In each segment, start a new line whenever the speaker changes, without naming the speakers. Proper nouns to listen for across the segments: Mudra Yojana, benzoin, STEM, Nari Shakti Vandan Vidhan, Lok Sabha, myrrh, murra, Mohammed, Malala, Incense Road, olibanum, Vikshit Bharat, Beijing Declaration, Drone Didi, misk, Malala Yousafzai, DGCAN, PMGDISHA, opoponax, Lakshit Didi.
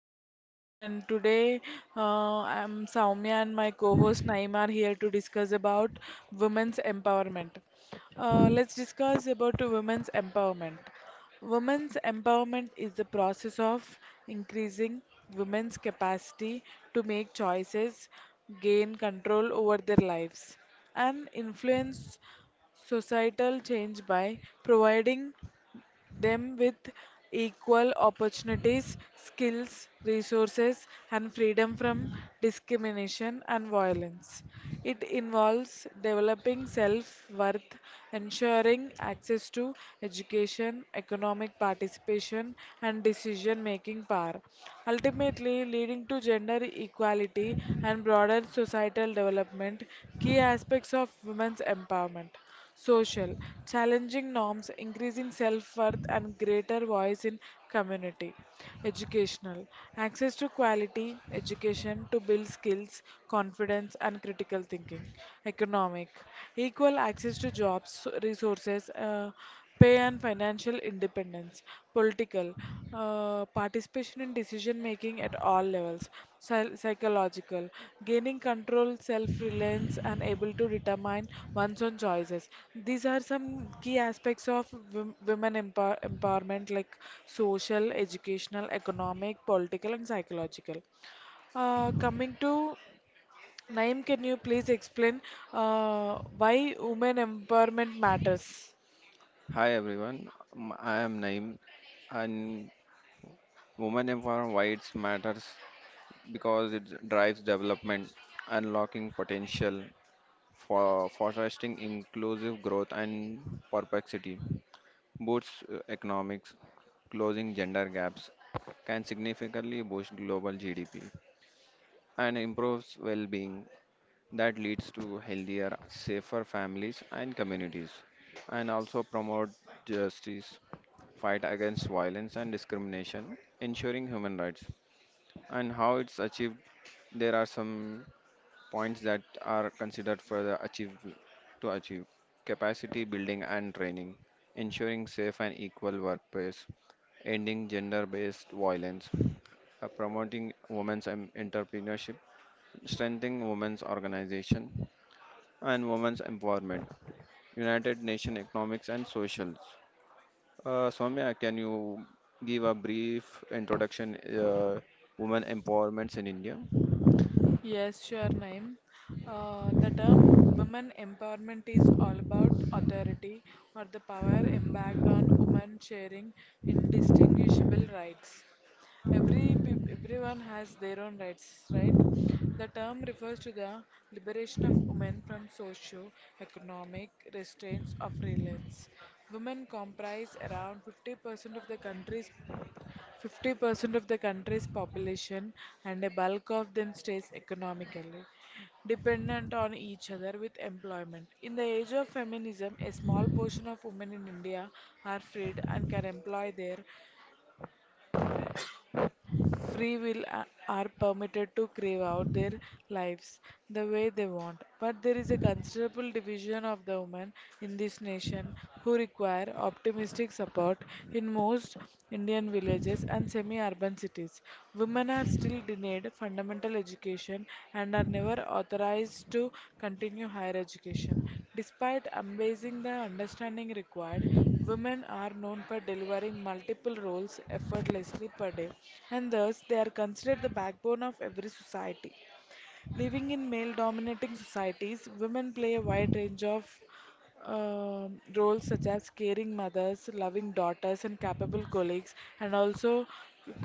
podcast. And today uh, I'm Soumya and my co-host Naima are here to discuss about women's empowerment. Let's discuss about women's empowerment. Women's empowerment is the process of increasing women's capacity to make choices, gain control over their lives, and influence societal change by providing them with equal opportunities, skills, resources, and freedom from discrimination and violence. It involves developing self worth, ensuring access to education, economic participation, and decision making power, ultimately leading to gender equality and broader societal development, key aspects of women's empowerment. Social, challenging norms, increasing self worth, and greater voice in community. Educational, access to quality education to build skills, confidence, and critical thinking. Economic, equal access to jobs, resources, pay and financial independence, political, participation in decision making at all levels, psychological, gaining control, self reliance, and able to determine one's own choices. These are some key aspects of women empowerment like social, educational, economic, political, and psychological. Coming to Naim, can you please explain why women empowerment matters?
Hi everyone, I am Naeem, and women empowerment rights matters because it drives development, unlocking potential for fostering inclusive growth and perplexity, boosts economics, closing gender gaps, can significantly boost global GDP and improves well-being that leads to healthier, safer families and communities, and also promote justice, fight against violence and discrimination, ensuring human rights. And how it's achieved, there are some points that are considered for the achieve to achieve capacity building and training, ensuring safe and equal workplace, ending gender-based violence, promoting entrepreneurship, strengthening women's organization, and women's empowerment, United Nations economics and socials. Soumya, can you give a brief introduction women empowerments in India?
Yes, sure, Naeem. The term women empowerment is all about authority or the power embarked on women sharing indistinguishable rights. Everyone has their own rights, right? The term refers to the liberation of women from socio-economic restraints of reliance. Women comprise around 50% of the country's 50% of the country's population and a bulk of them stays economically dependent on each other with employment. In the age of feminism, a small portion of women in India are freed and can employ their free will are permitted to crave out their lives the way they want. But there is a considerable division of the women in this nation who require optimistic support in most Indian villages and semi urban cities. Women are still denied need fundamental education and are never authorized to continue higher education. Despite amazing the understanding required, women are known for delivering multiple roles effortlessly per day, and thus they are considered the backbone of every society. Living in male dominating societies, women play a wide range of roles such as caring mothers, loving daughters, and capable colleagues, and also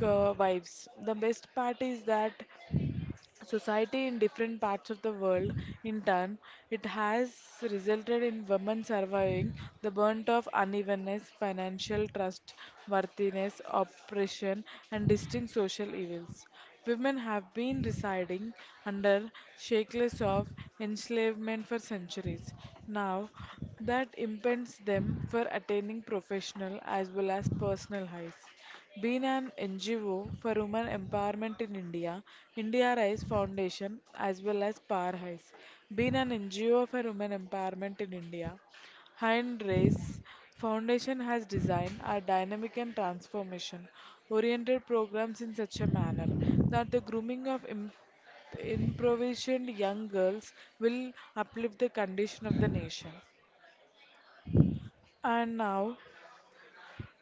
wives. The best part is that society in different parts of the world. In turn, it has resulted in women surviving the brunt of unevenness, financial trustworthiness, oppression, and distinct social evils. Women have been residing under shackles of enslavement for centuries. Now, that impends them for attaining professional as well as personal heights. Being an NGO for women empowerment in India, India Rise Foundation as well as Power Highs. Being an NGO for women empowerment in India. Hindrace Foundation has designed are dynamic and transformation oriented programs in such a manner that the grooming of improvised young girls will uplift the condition of the nation. And now,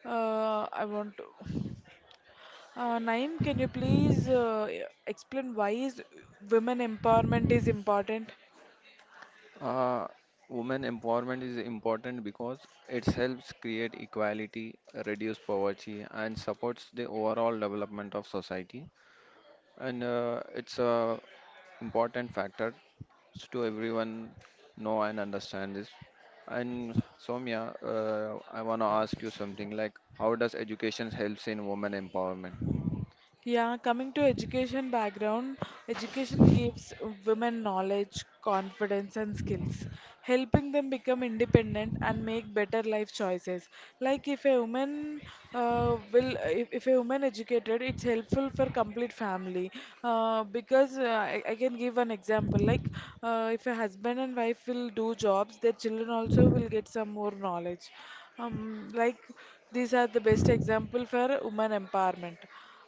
I want to. Naeem, can you please explain why is women empowerment is important?
Uh, Women empowerment is important because it helps create equality, reduce poverty, and supports the overall development of society. And it's a important factor to everyone know and understand this. And Soumya, I want to ask you something like, how does education helps in women empowerment?
Yeah, coming to education background, education gives women knowledge, confidence, and skills, helping them become independent and make better life choices. Like if a woman will, if a woman educated, it's helpful for complete family. Because I can give an example. Like if a husband and wife will do jobs, their children also will get some more knowledge. Like these are the best example for women empowerment.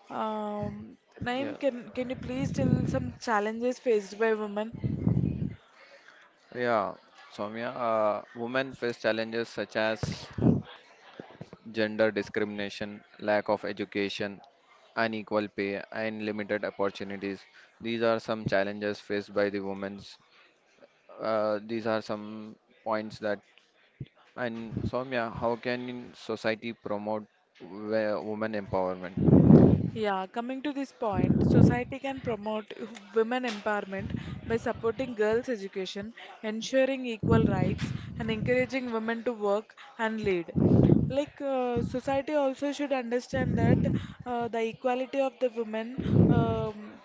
Um,
Yeah.
Naeem, can you please tell some challenges faced by women?
Yeah, Soumya, women face challenges such as gender discrimination, lack of education, unequal pay, and limited opportunities. These are some challenges faced by the women. These are some points that. And Soumya, how can society promote women empowerment?
Yeah, coming to this point, society can promote women empowerment by supporting girls' education, ensuring equal rights, and encouraging women to work and lead. Like society also should understand that the equality of the women. Um,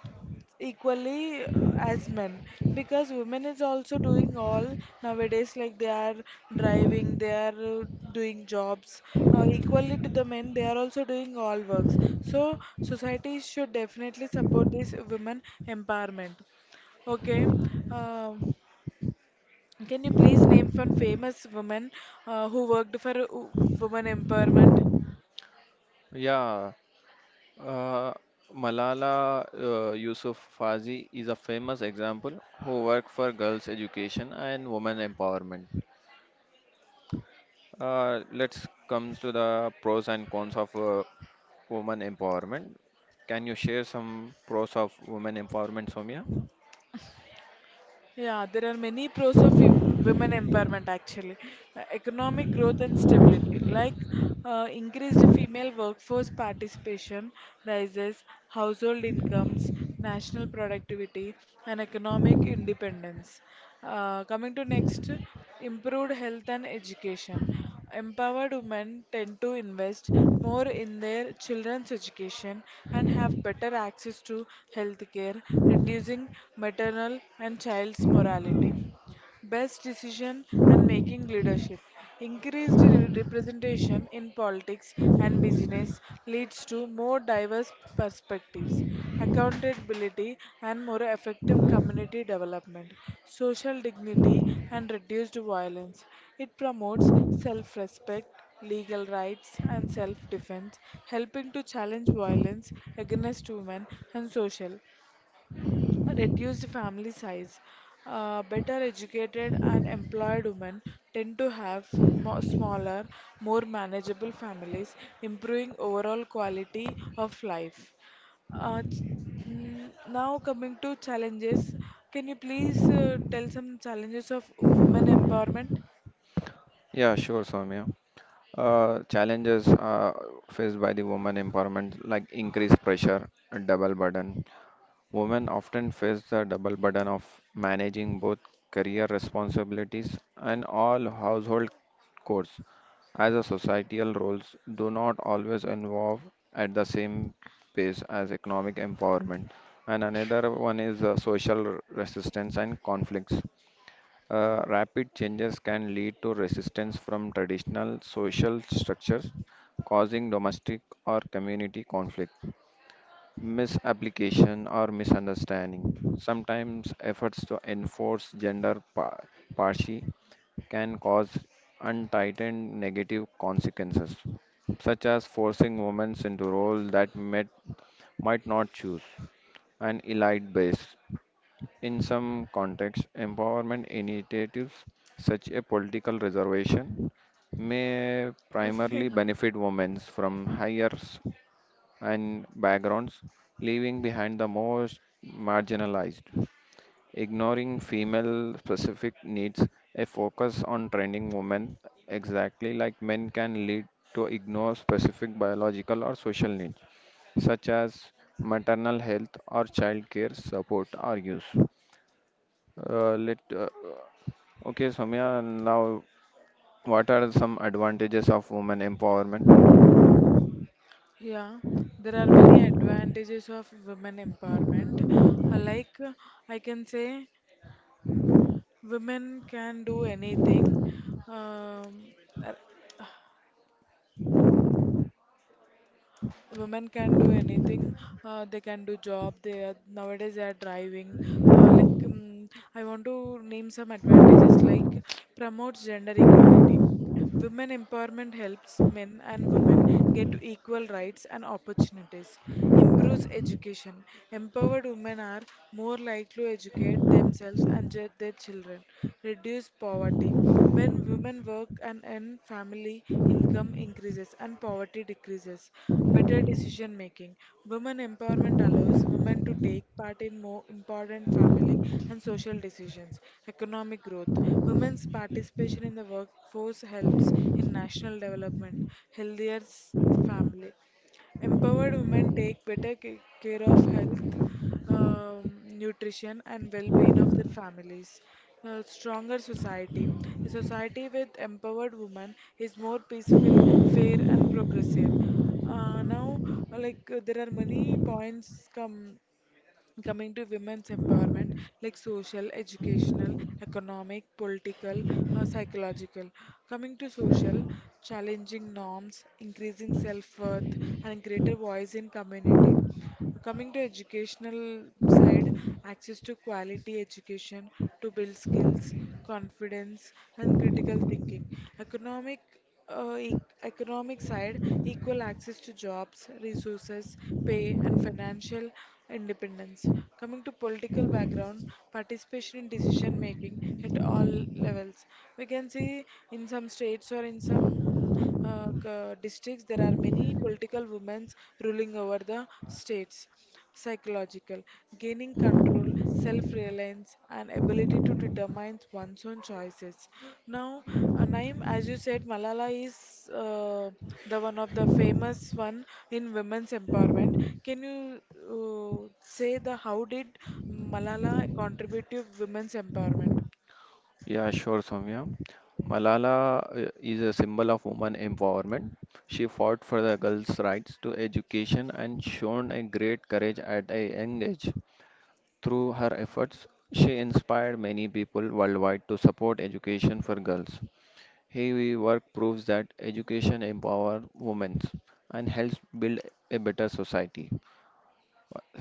Equally as men because women is also doing all nowadays like they are driving, they are doing jobs equally to the men, they are also doing all works, so society should definitely support this women empowerment. Okay. um, can you please name one famous woman who worked for women empowerment?
Yeah, uh, Malala Yousafzai is a famous example who worked for girls' education and women empowerment. Let's come to the pros and cons of women empowerment. Can you share some pros of women empowerment, Soumya?
Yeah, there are many pros of women empowerment actually. Economic growth and stability, like increased female workforce participation, rises household incomes, national productivity, and economic independence. Coming to next, improved health and education. Empowered women tend to invest more in their children's education and have better access to health care, reducing maternal and child's mortality best decision and making leadership. Increased representation in politics and business leads to more diverse perspectives, accountability, and more effective community development, social dignity, and reduced violence. It promotes self respect. Legal rights and self defense, helping to challenge violence against women and social a reduced family size. Better educated and employed women tend to have smaller, more manageable families, improving overall quality of life. Uh, ch- Now, coming to challenges, can you please tell some challenges of women empowerment?
Yeah, sure, Soumya. Challenges faced by the women empowerment, like increased pressure, a double burden. Women often face the double burden of managing both career responsibilities and all household chores, as the societal roles do not always involve at the same pace as economic empowerment. And another one is social resistance and conflicts. Rapid changes can lead to resistance from traditional social structures, causing domestic or community conflict, misapplication, or misunderstanding. Sometimes efforts to enforce parity can cause untightened negative consequences, such as forcing women into roles that might not choose. An elite base. In some contexts, empowerment initiatives such a political reservation may primarily
Women.
benefit women from higher and backgrounds, leaving behind the most marginalized, ignoring female specific needs, a focus on training women exactly like men can lead to ignore specific biological or social needs such as maternal health or child care support are used. Uh, let uh, okay Soumya, now what are some advantages of women empowerment?
Yeah, there are many advantages of women empowerment. Like I can say, women can do anything um, uh, women can do anything. They can do job, they are nowadays, they are driving, like. I want to name some advantages like promotes gender equality. Women empowerment helps men and women get equal rights and opportunities. Improves education. Empowered women are more likely to educate themselves and their children. Reduce poverty. When women work and earn, family income increases and poverty decreases. Better decision making. Women empowerment allows women to take part in more important family and social decisions. Economic growth. Women's participation in the workforce helps in national development, healthier s- family. Empowered women take better care of health, nutrition, and well being of their families. A stronger society. A society with empowered women is more peaceful, fair, and progressive. Now, like there are many points come coming to women's empowerment, like social, educational, economic, political, psychological. Coming to social, challenging norms, increasing self-worth, and greater voice in community. Coming to educational side, access to quality education to build skills, confidence, and critical thinking. Economic. uh, e- Economic side, equal access to jobs, resources, pay, and financial independence. Coming to political background, participation in decision making at all levels. We can see in some states or in some districts there are many political women ruling over the state traits. Psychological, gaining control, self reliance, and ability to determine one's own choices. Now, Naeem, as you said, Malala is the one of the famous one in women's empowerment. Can you say the how did Malala contribute to women's empowerment?
Yeah, sure, Soumya. Malala is a symbol of woman empowerment. She fought for the girls' rights to education and shown a great courage at a young age. Through her efforts, she inspired many people worldwide to support education for girls. Her work proves that education empowers women and helps build a better society.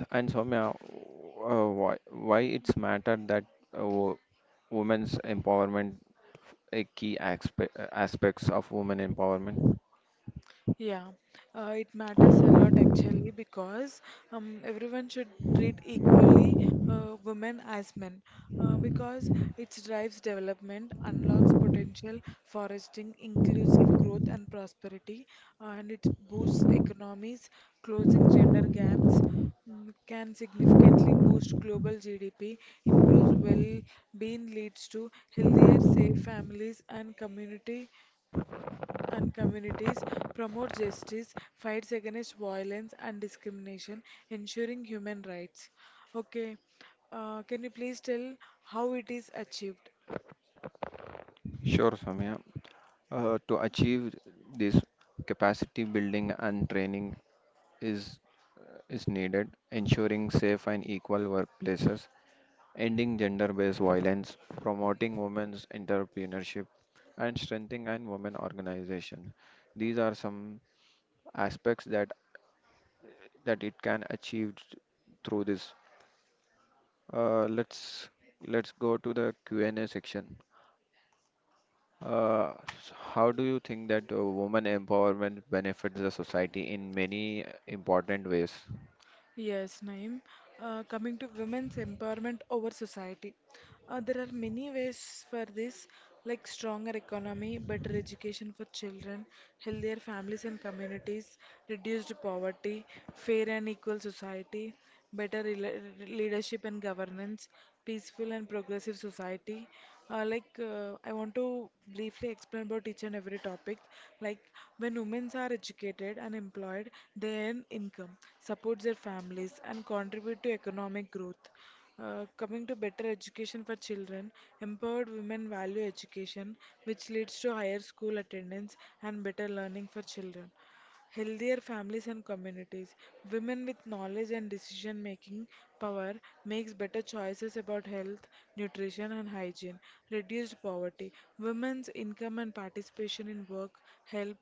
And Soumya, why it's matter that uh, wo- women's empowerment a key aspects of women empowerment?
Yeah, it matters a lot actually because everyone should treat equally women as men because it drives development, unlocks potential, fostering inclusive growth and prosperity, and it boosts economies, closing gender gaps, can significantly boost global GDP, improves well-being, leads to healthier, safe families and communities, promotes justice, fights against violence and discrimination, ensuring human rights. Okay, can you please tell how it is achieved?
Sure, Samya. To achieve this, capacity building and training is is needed, ensuring safe and equal workplaces, ending gender-based violence, promoting women's entrepreneurship, and strengthening and women organization. These are some aspects that it can achieve through this. Uh, let's let's go to the Q&A section. How do you think that woman empowerment benefits the society in many important ways?
Yes, Naeem. Coming to women's empowerment over society, there are many ways for this, like stronger economy, better education for children, healthier families and communities, reduced poverty, fair and equal society, better leadership and governance, peaceful and progressive society. Like I want to briefly explain about each and every topic. Like when women are educated and employed, they earn income, support their families, and contribute to economic growth. Coming to better education for children, empowered women value education, which leads to higher school attendance and better learning for children healthier families and communities. Women with knowledge and decision making power makes better choices about health, nutrition and hygiene, reduced poverty. Women's income and participation in work help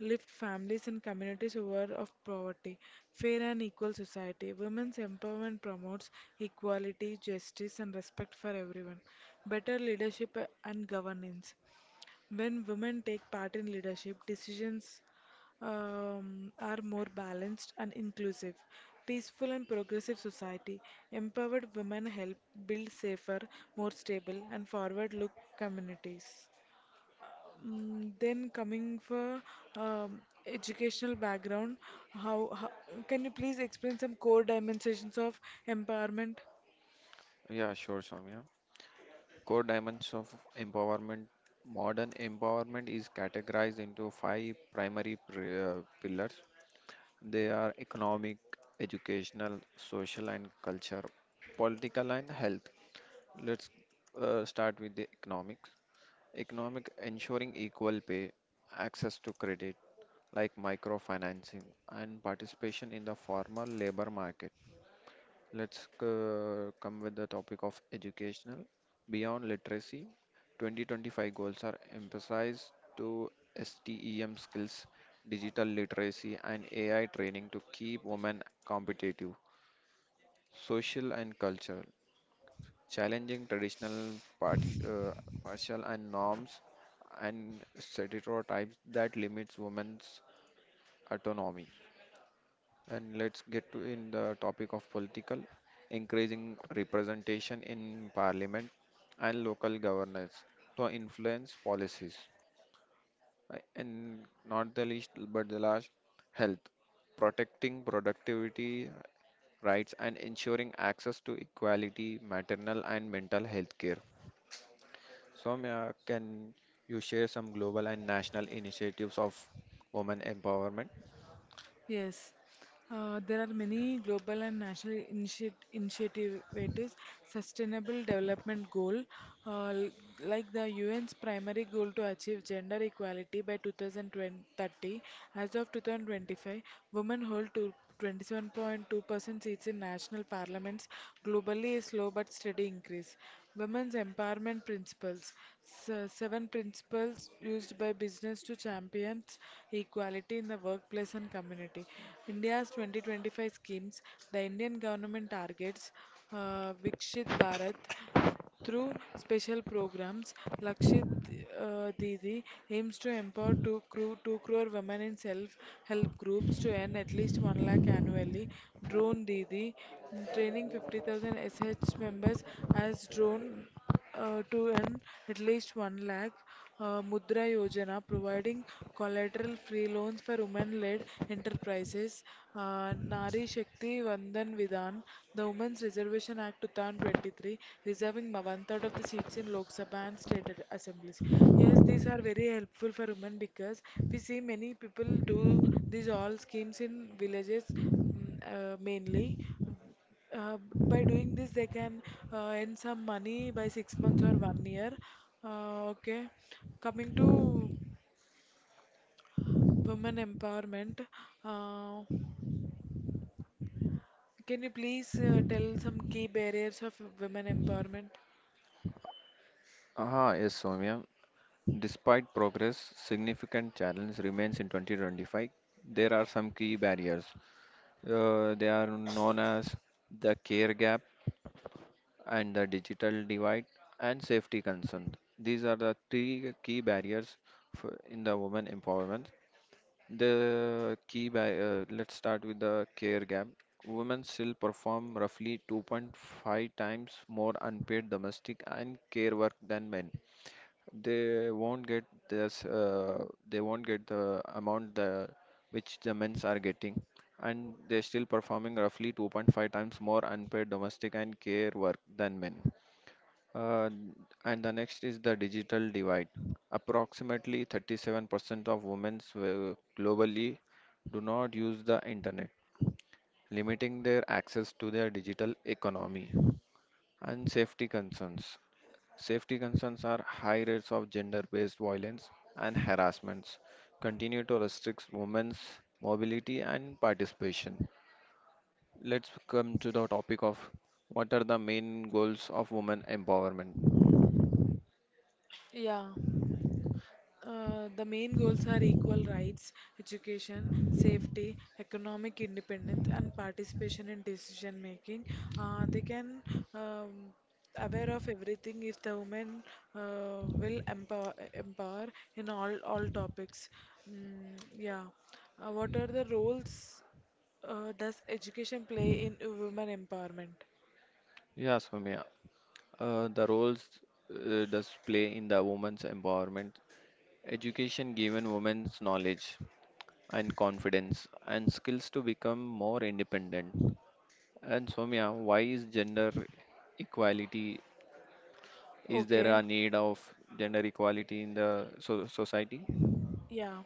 lift families and communities over of poverty. Fair and equal society. Women's empowerment promotes equality, justice and respect for everyone. Better leadership and governance. When women take part in leadership, decisions are more balanced and inclusive. Peaceful and progressive society. Empowered women help build safer, more stable, and forward look communities. Then coming for um, educational background, how can you please explain some core dimensions of empowerment?
Yeah, sure, Soumya. Core dimensions of empowerment. Modern empowerment is categorized into five primary pillars. They are economic, educational, social, and culture, political, and health. Let's start with the economics. Economic, ensuring equal pay, access to credit, like microfinancing, and participation in the formal labor market. Let's come with the topic of educational. Beyond literacy, 2025 goals are emphasized to STEM skills, digital literacy, and AI training to keep women competitive, social and cultural, challenging traditional partial and norms and stereotypes that limits women's autonomy. And let's get to in the topic of political, increasing representation in parliament and local governance to influence policies. And not the least but the last, health, protecting productivity rights and ensuring access to equality maternal and mental health care. Soumya, can you share some global and national initiatives of women empowerment?
Yes, there are many global and national initiatives. Sustainable Development Goal, uh, l- like the UN's primary goal to achieve gender equality by 2030. As of 2025, women hold two 27.2% seats in national parliaments globally is slow but steady increase. Women's empowerment principles. Seven principles used by business to champion equality in the workplace and community. India's 2025 schemes. The Indian government targets Vikshit Bharat through special programs. Lakshit Didi aims to empower 2 crore women in self-help groups to earn at least 1 lakh annually. Drone Didi, training 50,000 SH members as drone to earn at least 1 lakh. Mudra Yojana providing collateral free loans for women led enterprises. Nari Shakti Vandan Vidhan, the Women's Reservation Act 2023, reserving one third of the seats in Lok Sabha and state assemblies. Yes, these are very helpful for women because we see many people do these all schemes in villages, mainly. Uh, by doing this, they can earn some money by 6 months or one year. Okay. Coming to women empowerment, uh, can you please tell some key barriers of women empowerment?
Ah, yes, Soumya. Despite progress, significant challenge remains in 2025. There are some key barriers. They are known as the care gap and the digital divide and safety concerns. These are the three key barriers for, in the women empowerment. Let's start with the care gap. Women still perform roughly 2.5 times more unpaid domestic and care work than men. They won't get this. They won't get the amount the, which the men's are getting, and they're still performing roughly 2.5 times more unpaid domestic and care work than men. Uh, and the next is the digital divide. Approximately 37% of women globally do not use the internet, limiting their access to their digital economy. And safety concerns. Safety concerns are high rates of gender based violence and harassments, continue to restrict women's mobility and participation. Let's come to the topic of what are the main goals of women empowerment.
Yeah. The main goals are equal rights, education, safety, economic independence, and participation in decision making. They can um, aware of everything if the women will empower in all topics. Mm, yeah. What are the roles does education play in women empowerment?
Yeah, Soumya, the roles does play in the women's empowerment. Education given women's knowledge and confidence and skills to become more independent. And Soumya, why is gender equality? Is there
Okay.
a need of gender equality in the society?
Yeah,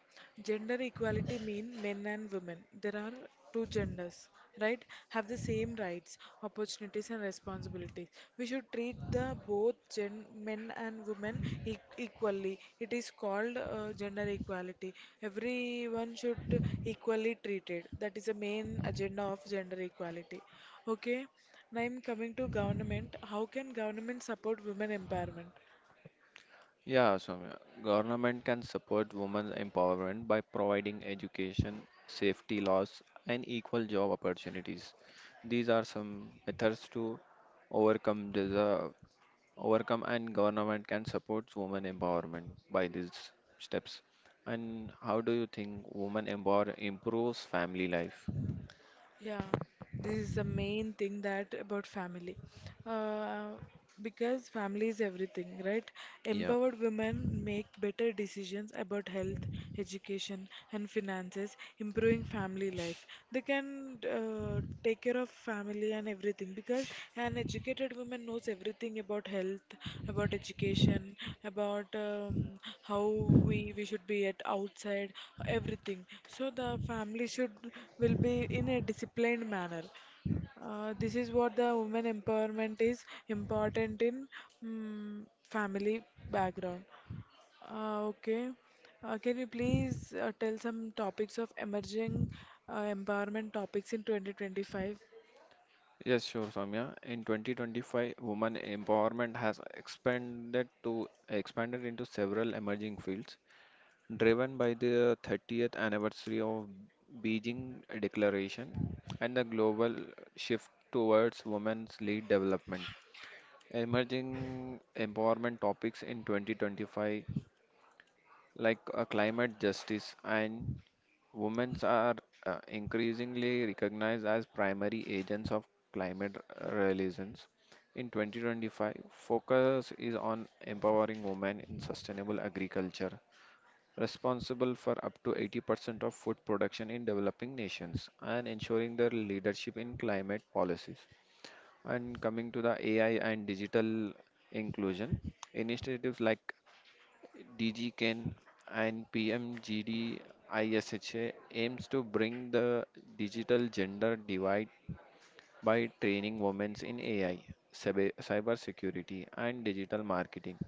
gender equality mean men and women. There are two genders, right? Have the same rights, opportunities, and responsibilities. We should treat the both gen men and women e equally. It is called gender equality. Everyone should equally treated. That is the main agenda of gender equality. Okay, now I'm coming to government. How can government support women empowerment?
Yeah, Soumya. Government can support women's empowerment by providing education, safety laws, and equal job opportunities. These are some methods to overcome the overcome, and government can support women empowerment by these steps. And how do you think women empower improves family life?
Yeah, this is the main thing that about family. Uh, because family is everything, right? Empowered women make better decisions about health, education, and finances, improving family life. They can take care of family and everything, because an educated woman knows everything about health, about education, about how we should be at outside everything, so the family should will be in a disciplined manner. This is what the women empowerment is important in, mm family background. Okay. Can you please tell some topics of emerging empowerment topics in 2025?
Yes, sure, Soumya. In 2025, women empowerment has expanded into several emerging fields, driven by the 30th anniversary of Beijing Declaration and the global shift towards women's lead development. Emerging empowerment topics in 2025 like climate justice and women are increasingly recognized as primary agents of climate relations. In 2025, focus is on empowering women in sustainable agriculture, responsible for up to 80% of food production in developing nations, and ensuring their leadership in climate policies. And coming to the AI and digital inclusion, initiatives like DGCAN and PMGDISHA aims to bring the digital gender divide by training women in AI, cybersecurity, and digital marketing.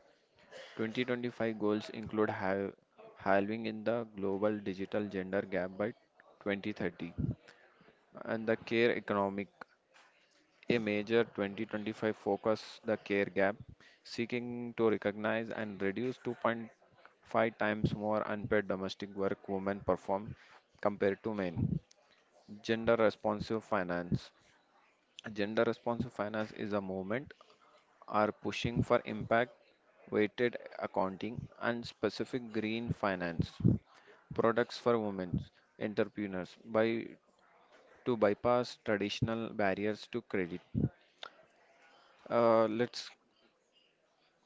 2025 goals include halving in the global digital gender gap by 2030, and the care economic, a major 2025 focus the care gap, seeking to recognize and reduce 2.5 times more unpaid domestic work women perform compared to men. Gender responsive finance. Gender responsive finance is a movement are pushing for impact weighted accounting and specific green finance products for women entrepreneurs by to bypass traditional barriers to credit. Let's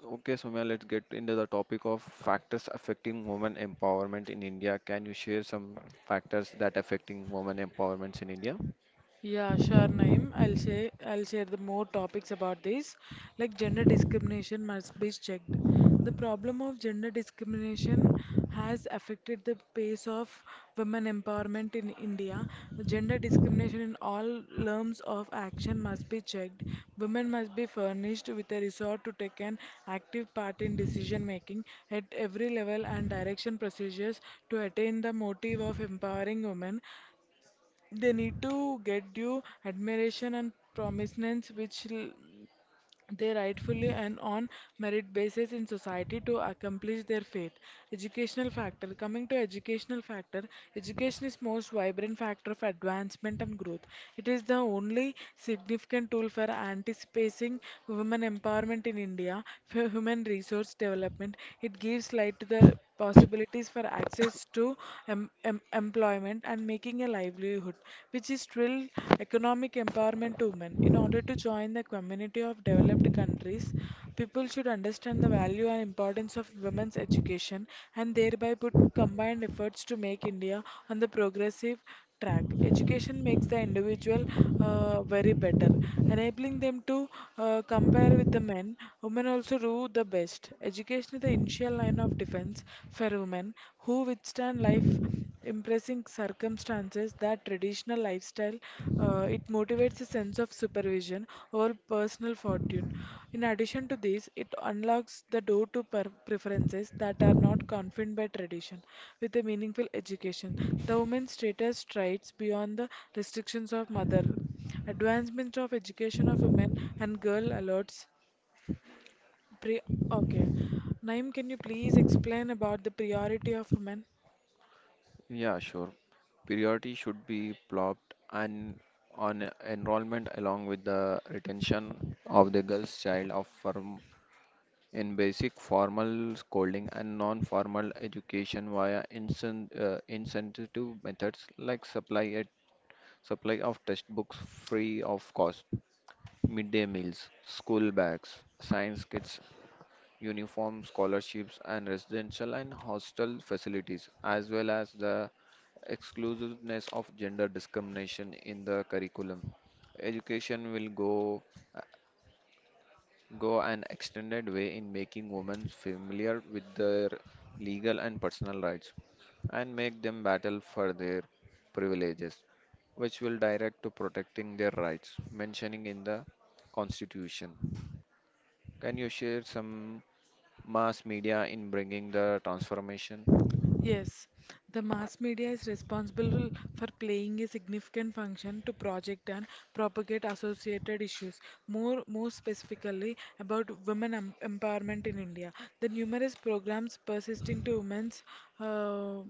Okay, Soumya, let's get into the topic of factors affecting women empowerment in India. Can you share some factors that affecting women empowerments in India?
Yeah, sure, Naeem. I'll share the more topics about this. Like gender discrimination must be checked. The problem of gender discrimination has affected the pace of women empowerment in India. Gender discrimination in all realms of action must be checked. Women must be furnished with a resort to take an active part in decision making at every level and direction procedures to attain the motive of empowering women. They need to get due admiration and prominence which they rightfully and on merit basis in society to accomplish their faith. Educational factor. Coming to educational factor, education is most vibrant factor of advancement and growth. It is the only significant tool for anticipating women empowerment in India, for human resource development. It gives light to the possibilities for access to employment and making a livelihood, which is real economic empowerment to women. In order to join the community of developed countries, people should understand the value and importance of women's education and thereby put combined efforts to make India on the progressive track. Education makes the individual very better, enabling them to compare with the men. Women also do the best. Education is the initial line of defense for women who withstand life impressing circumstances that traditional lifestyle. Uh, it motivates sense of supervision or personal fortune. In addition to this, it unlocks the door to preferences that are not confined by tradition with a meaningful education. The woman's status strides beyond the restrictions of mother. Advancement of education of women and girl alerts pre okay. Naim, can you please explain about the priority of women?
Yeah, sure. Priority should be plopped and on enrollment along with the retention of the girl's child of firm in basic formal schooling and non-formal education via incentive methods like supply of textbooks free of cost, midday meals, school bags, science kits, uniform scholarships, and residential and hostel facilities, as well as the exclusiveness of gender discrimination in the curriculum. Education will go an extended way in making women familiar with their legal and personal rights and make them battle for their privileges, which will direct to protecting their rights mentioning in the Constitution. Can you share some mass media in bringing the transformation?
Yes, the mass media is responsible for playing a significant function to project and propagate associated issues, more specifically about women empowerment in India. The numerous programs persisting to women's uh,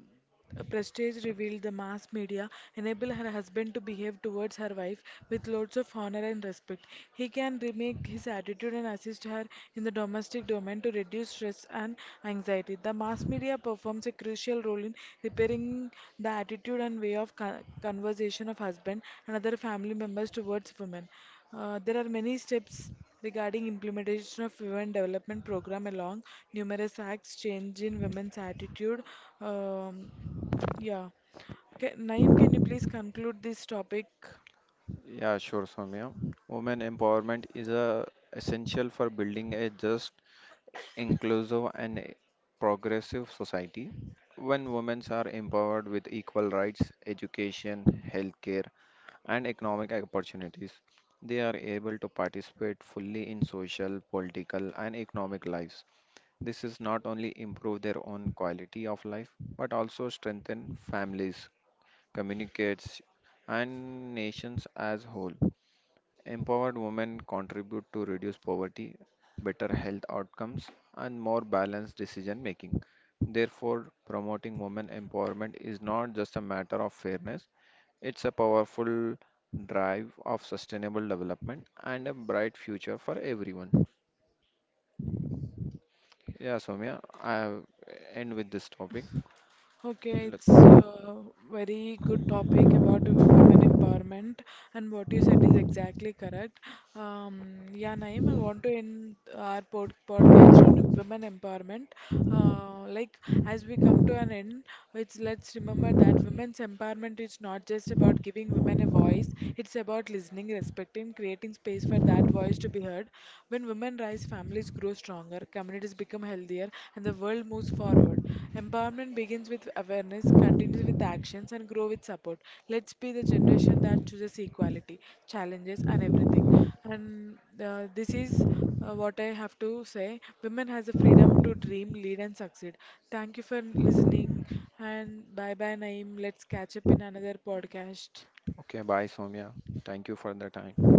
Prestige revealed the mass media enable her husband to behave towards her wife with loads of honor and respect. He can remake his attitude and assist her in the domestic domain to reduce stress and anxiety. The mass media performs a crucial role in repairing the attitude and way of conversation of husband and other family members towards women. There are many steps regarding implementation of women development program along numerous acts change in women's attitude. um, yeah. Okay, Naeem, can you please conclude this topic?
Yeah, sure, Soumya. Women empowerment is a essential for building a just, inclusive, and a progressive society. When women are empowered with equal rights, education, healthcare, and economic opportunities, they are able to participate fully in social, political, and economic lives. This is not only improve their own quality of life, but also strengthen families, communicates, and nations as whole. Empowered women contribute to reduce poverty, better health outcomes, and more balanced decision making. Therefore, promoting women empowerment is not just a matter of fairness, it's a powerful drive of sustainable development and a bright future for everyone. Yeah, Soumya, I have end with this topic.
Okay, it's
Look-
a very good topic about women empowerment, and what you said is exactly correct. Um, yeah, Naeem, I want to end our podcast on women empowerment. Like, as we come to an end, it's let's remember that women's empowerment is not just about giving women a voice, it's about listening, respecting, creating space for that voice to be heard. When women rise, families grow stronger, communities become healthier, and the world moves forward. Empowerment begins with awareness, continues with actions, and grow with support. Let's be the generation that chooses equality, challenges, and everything. And this is what I have to say. Women has the freedom to dream, lead, and succeed. Thank you for listening, and bye bye, Naeem. Let's catch up in another podcast.
Okay, bye, Soumya. Thank you for the time.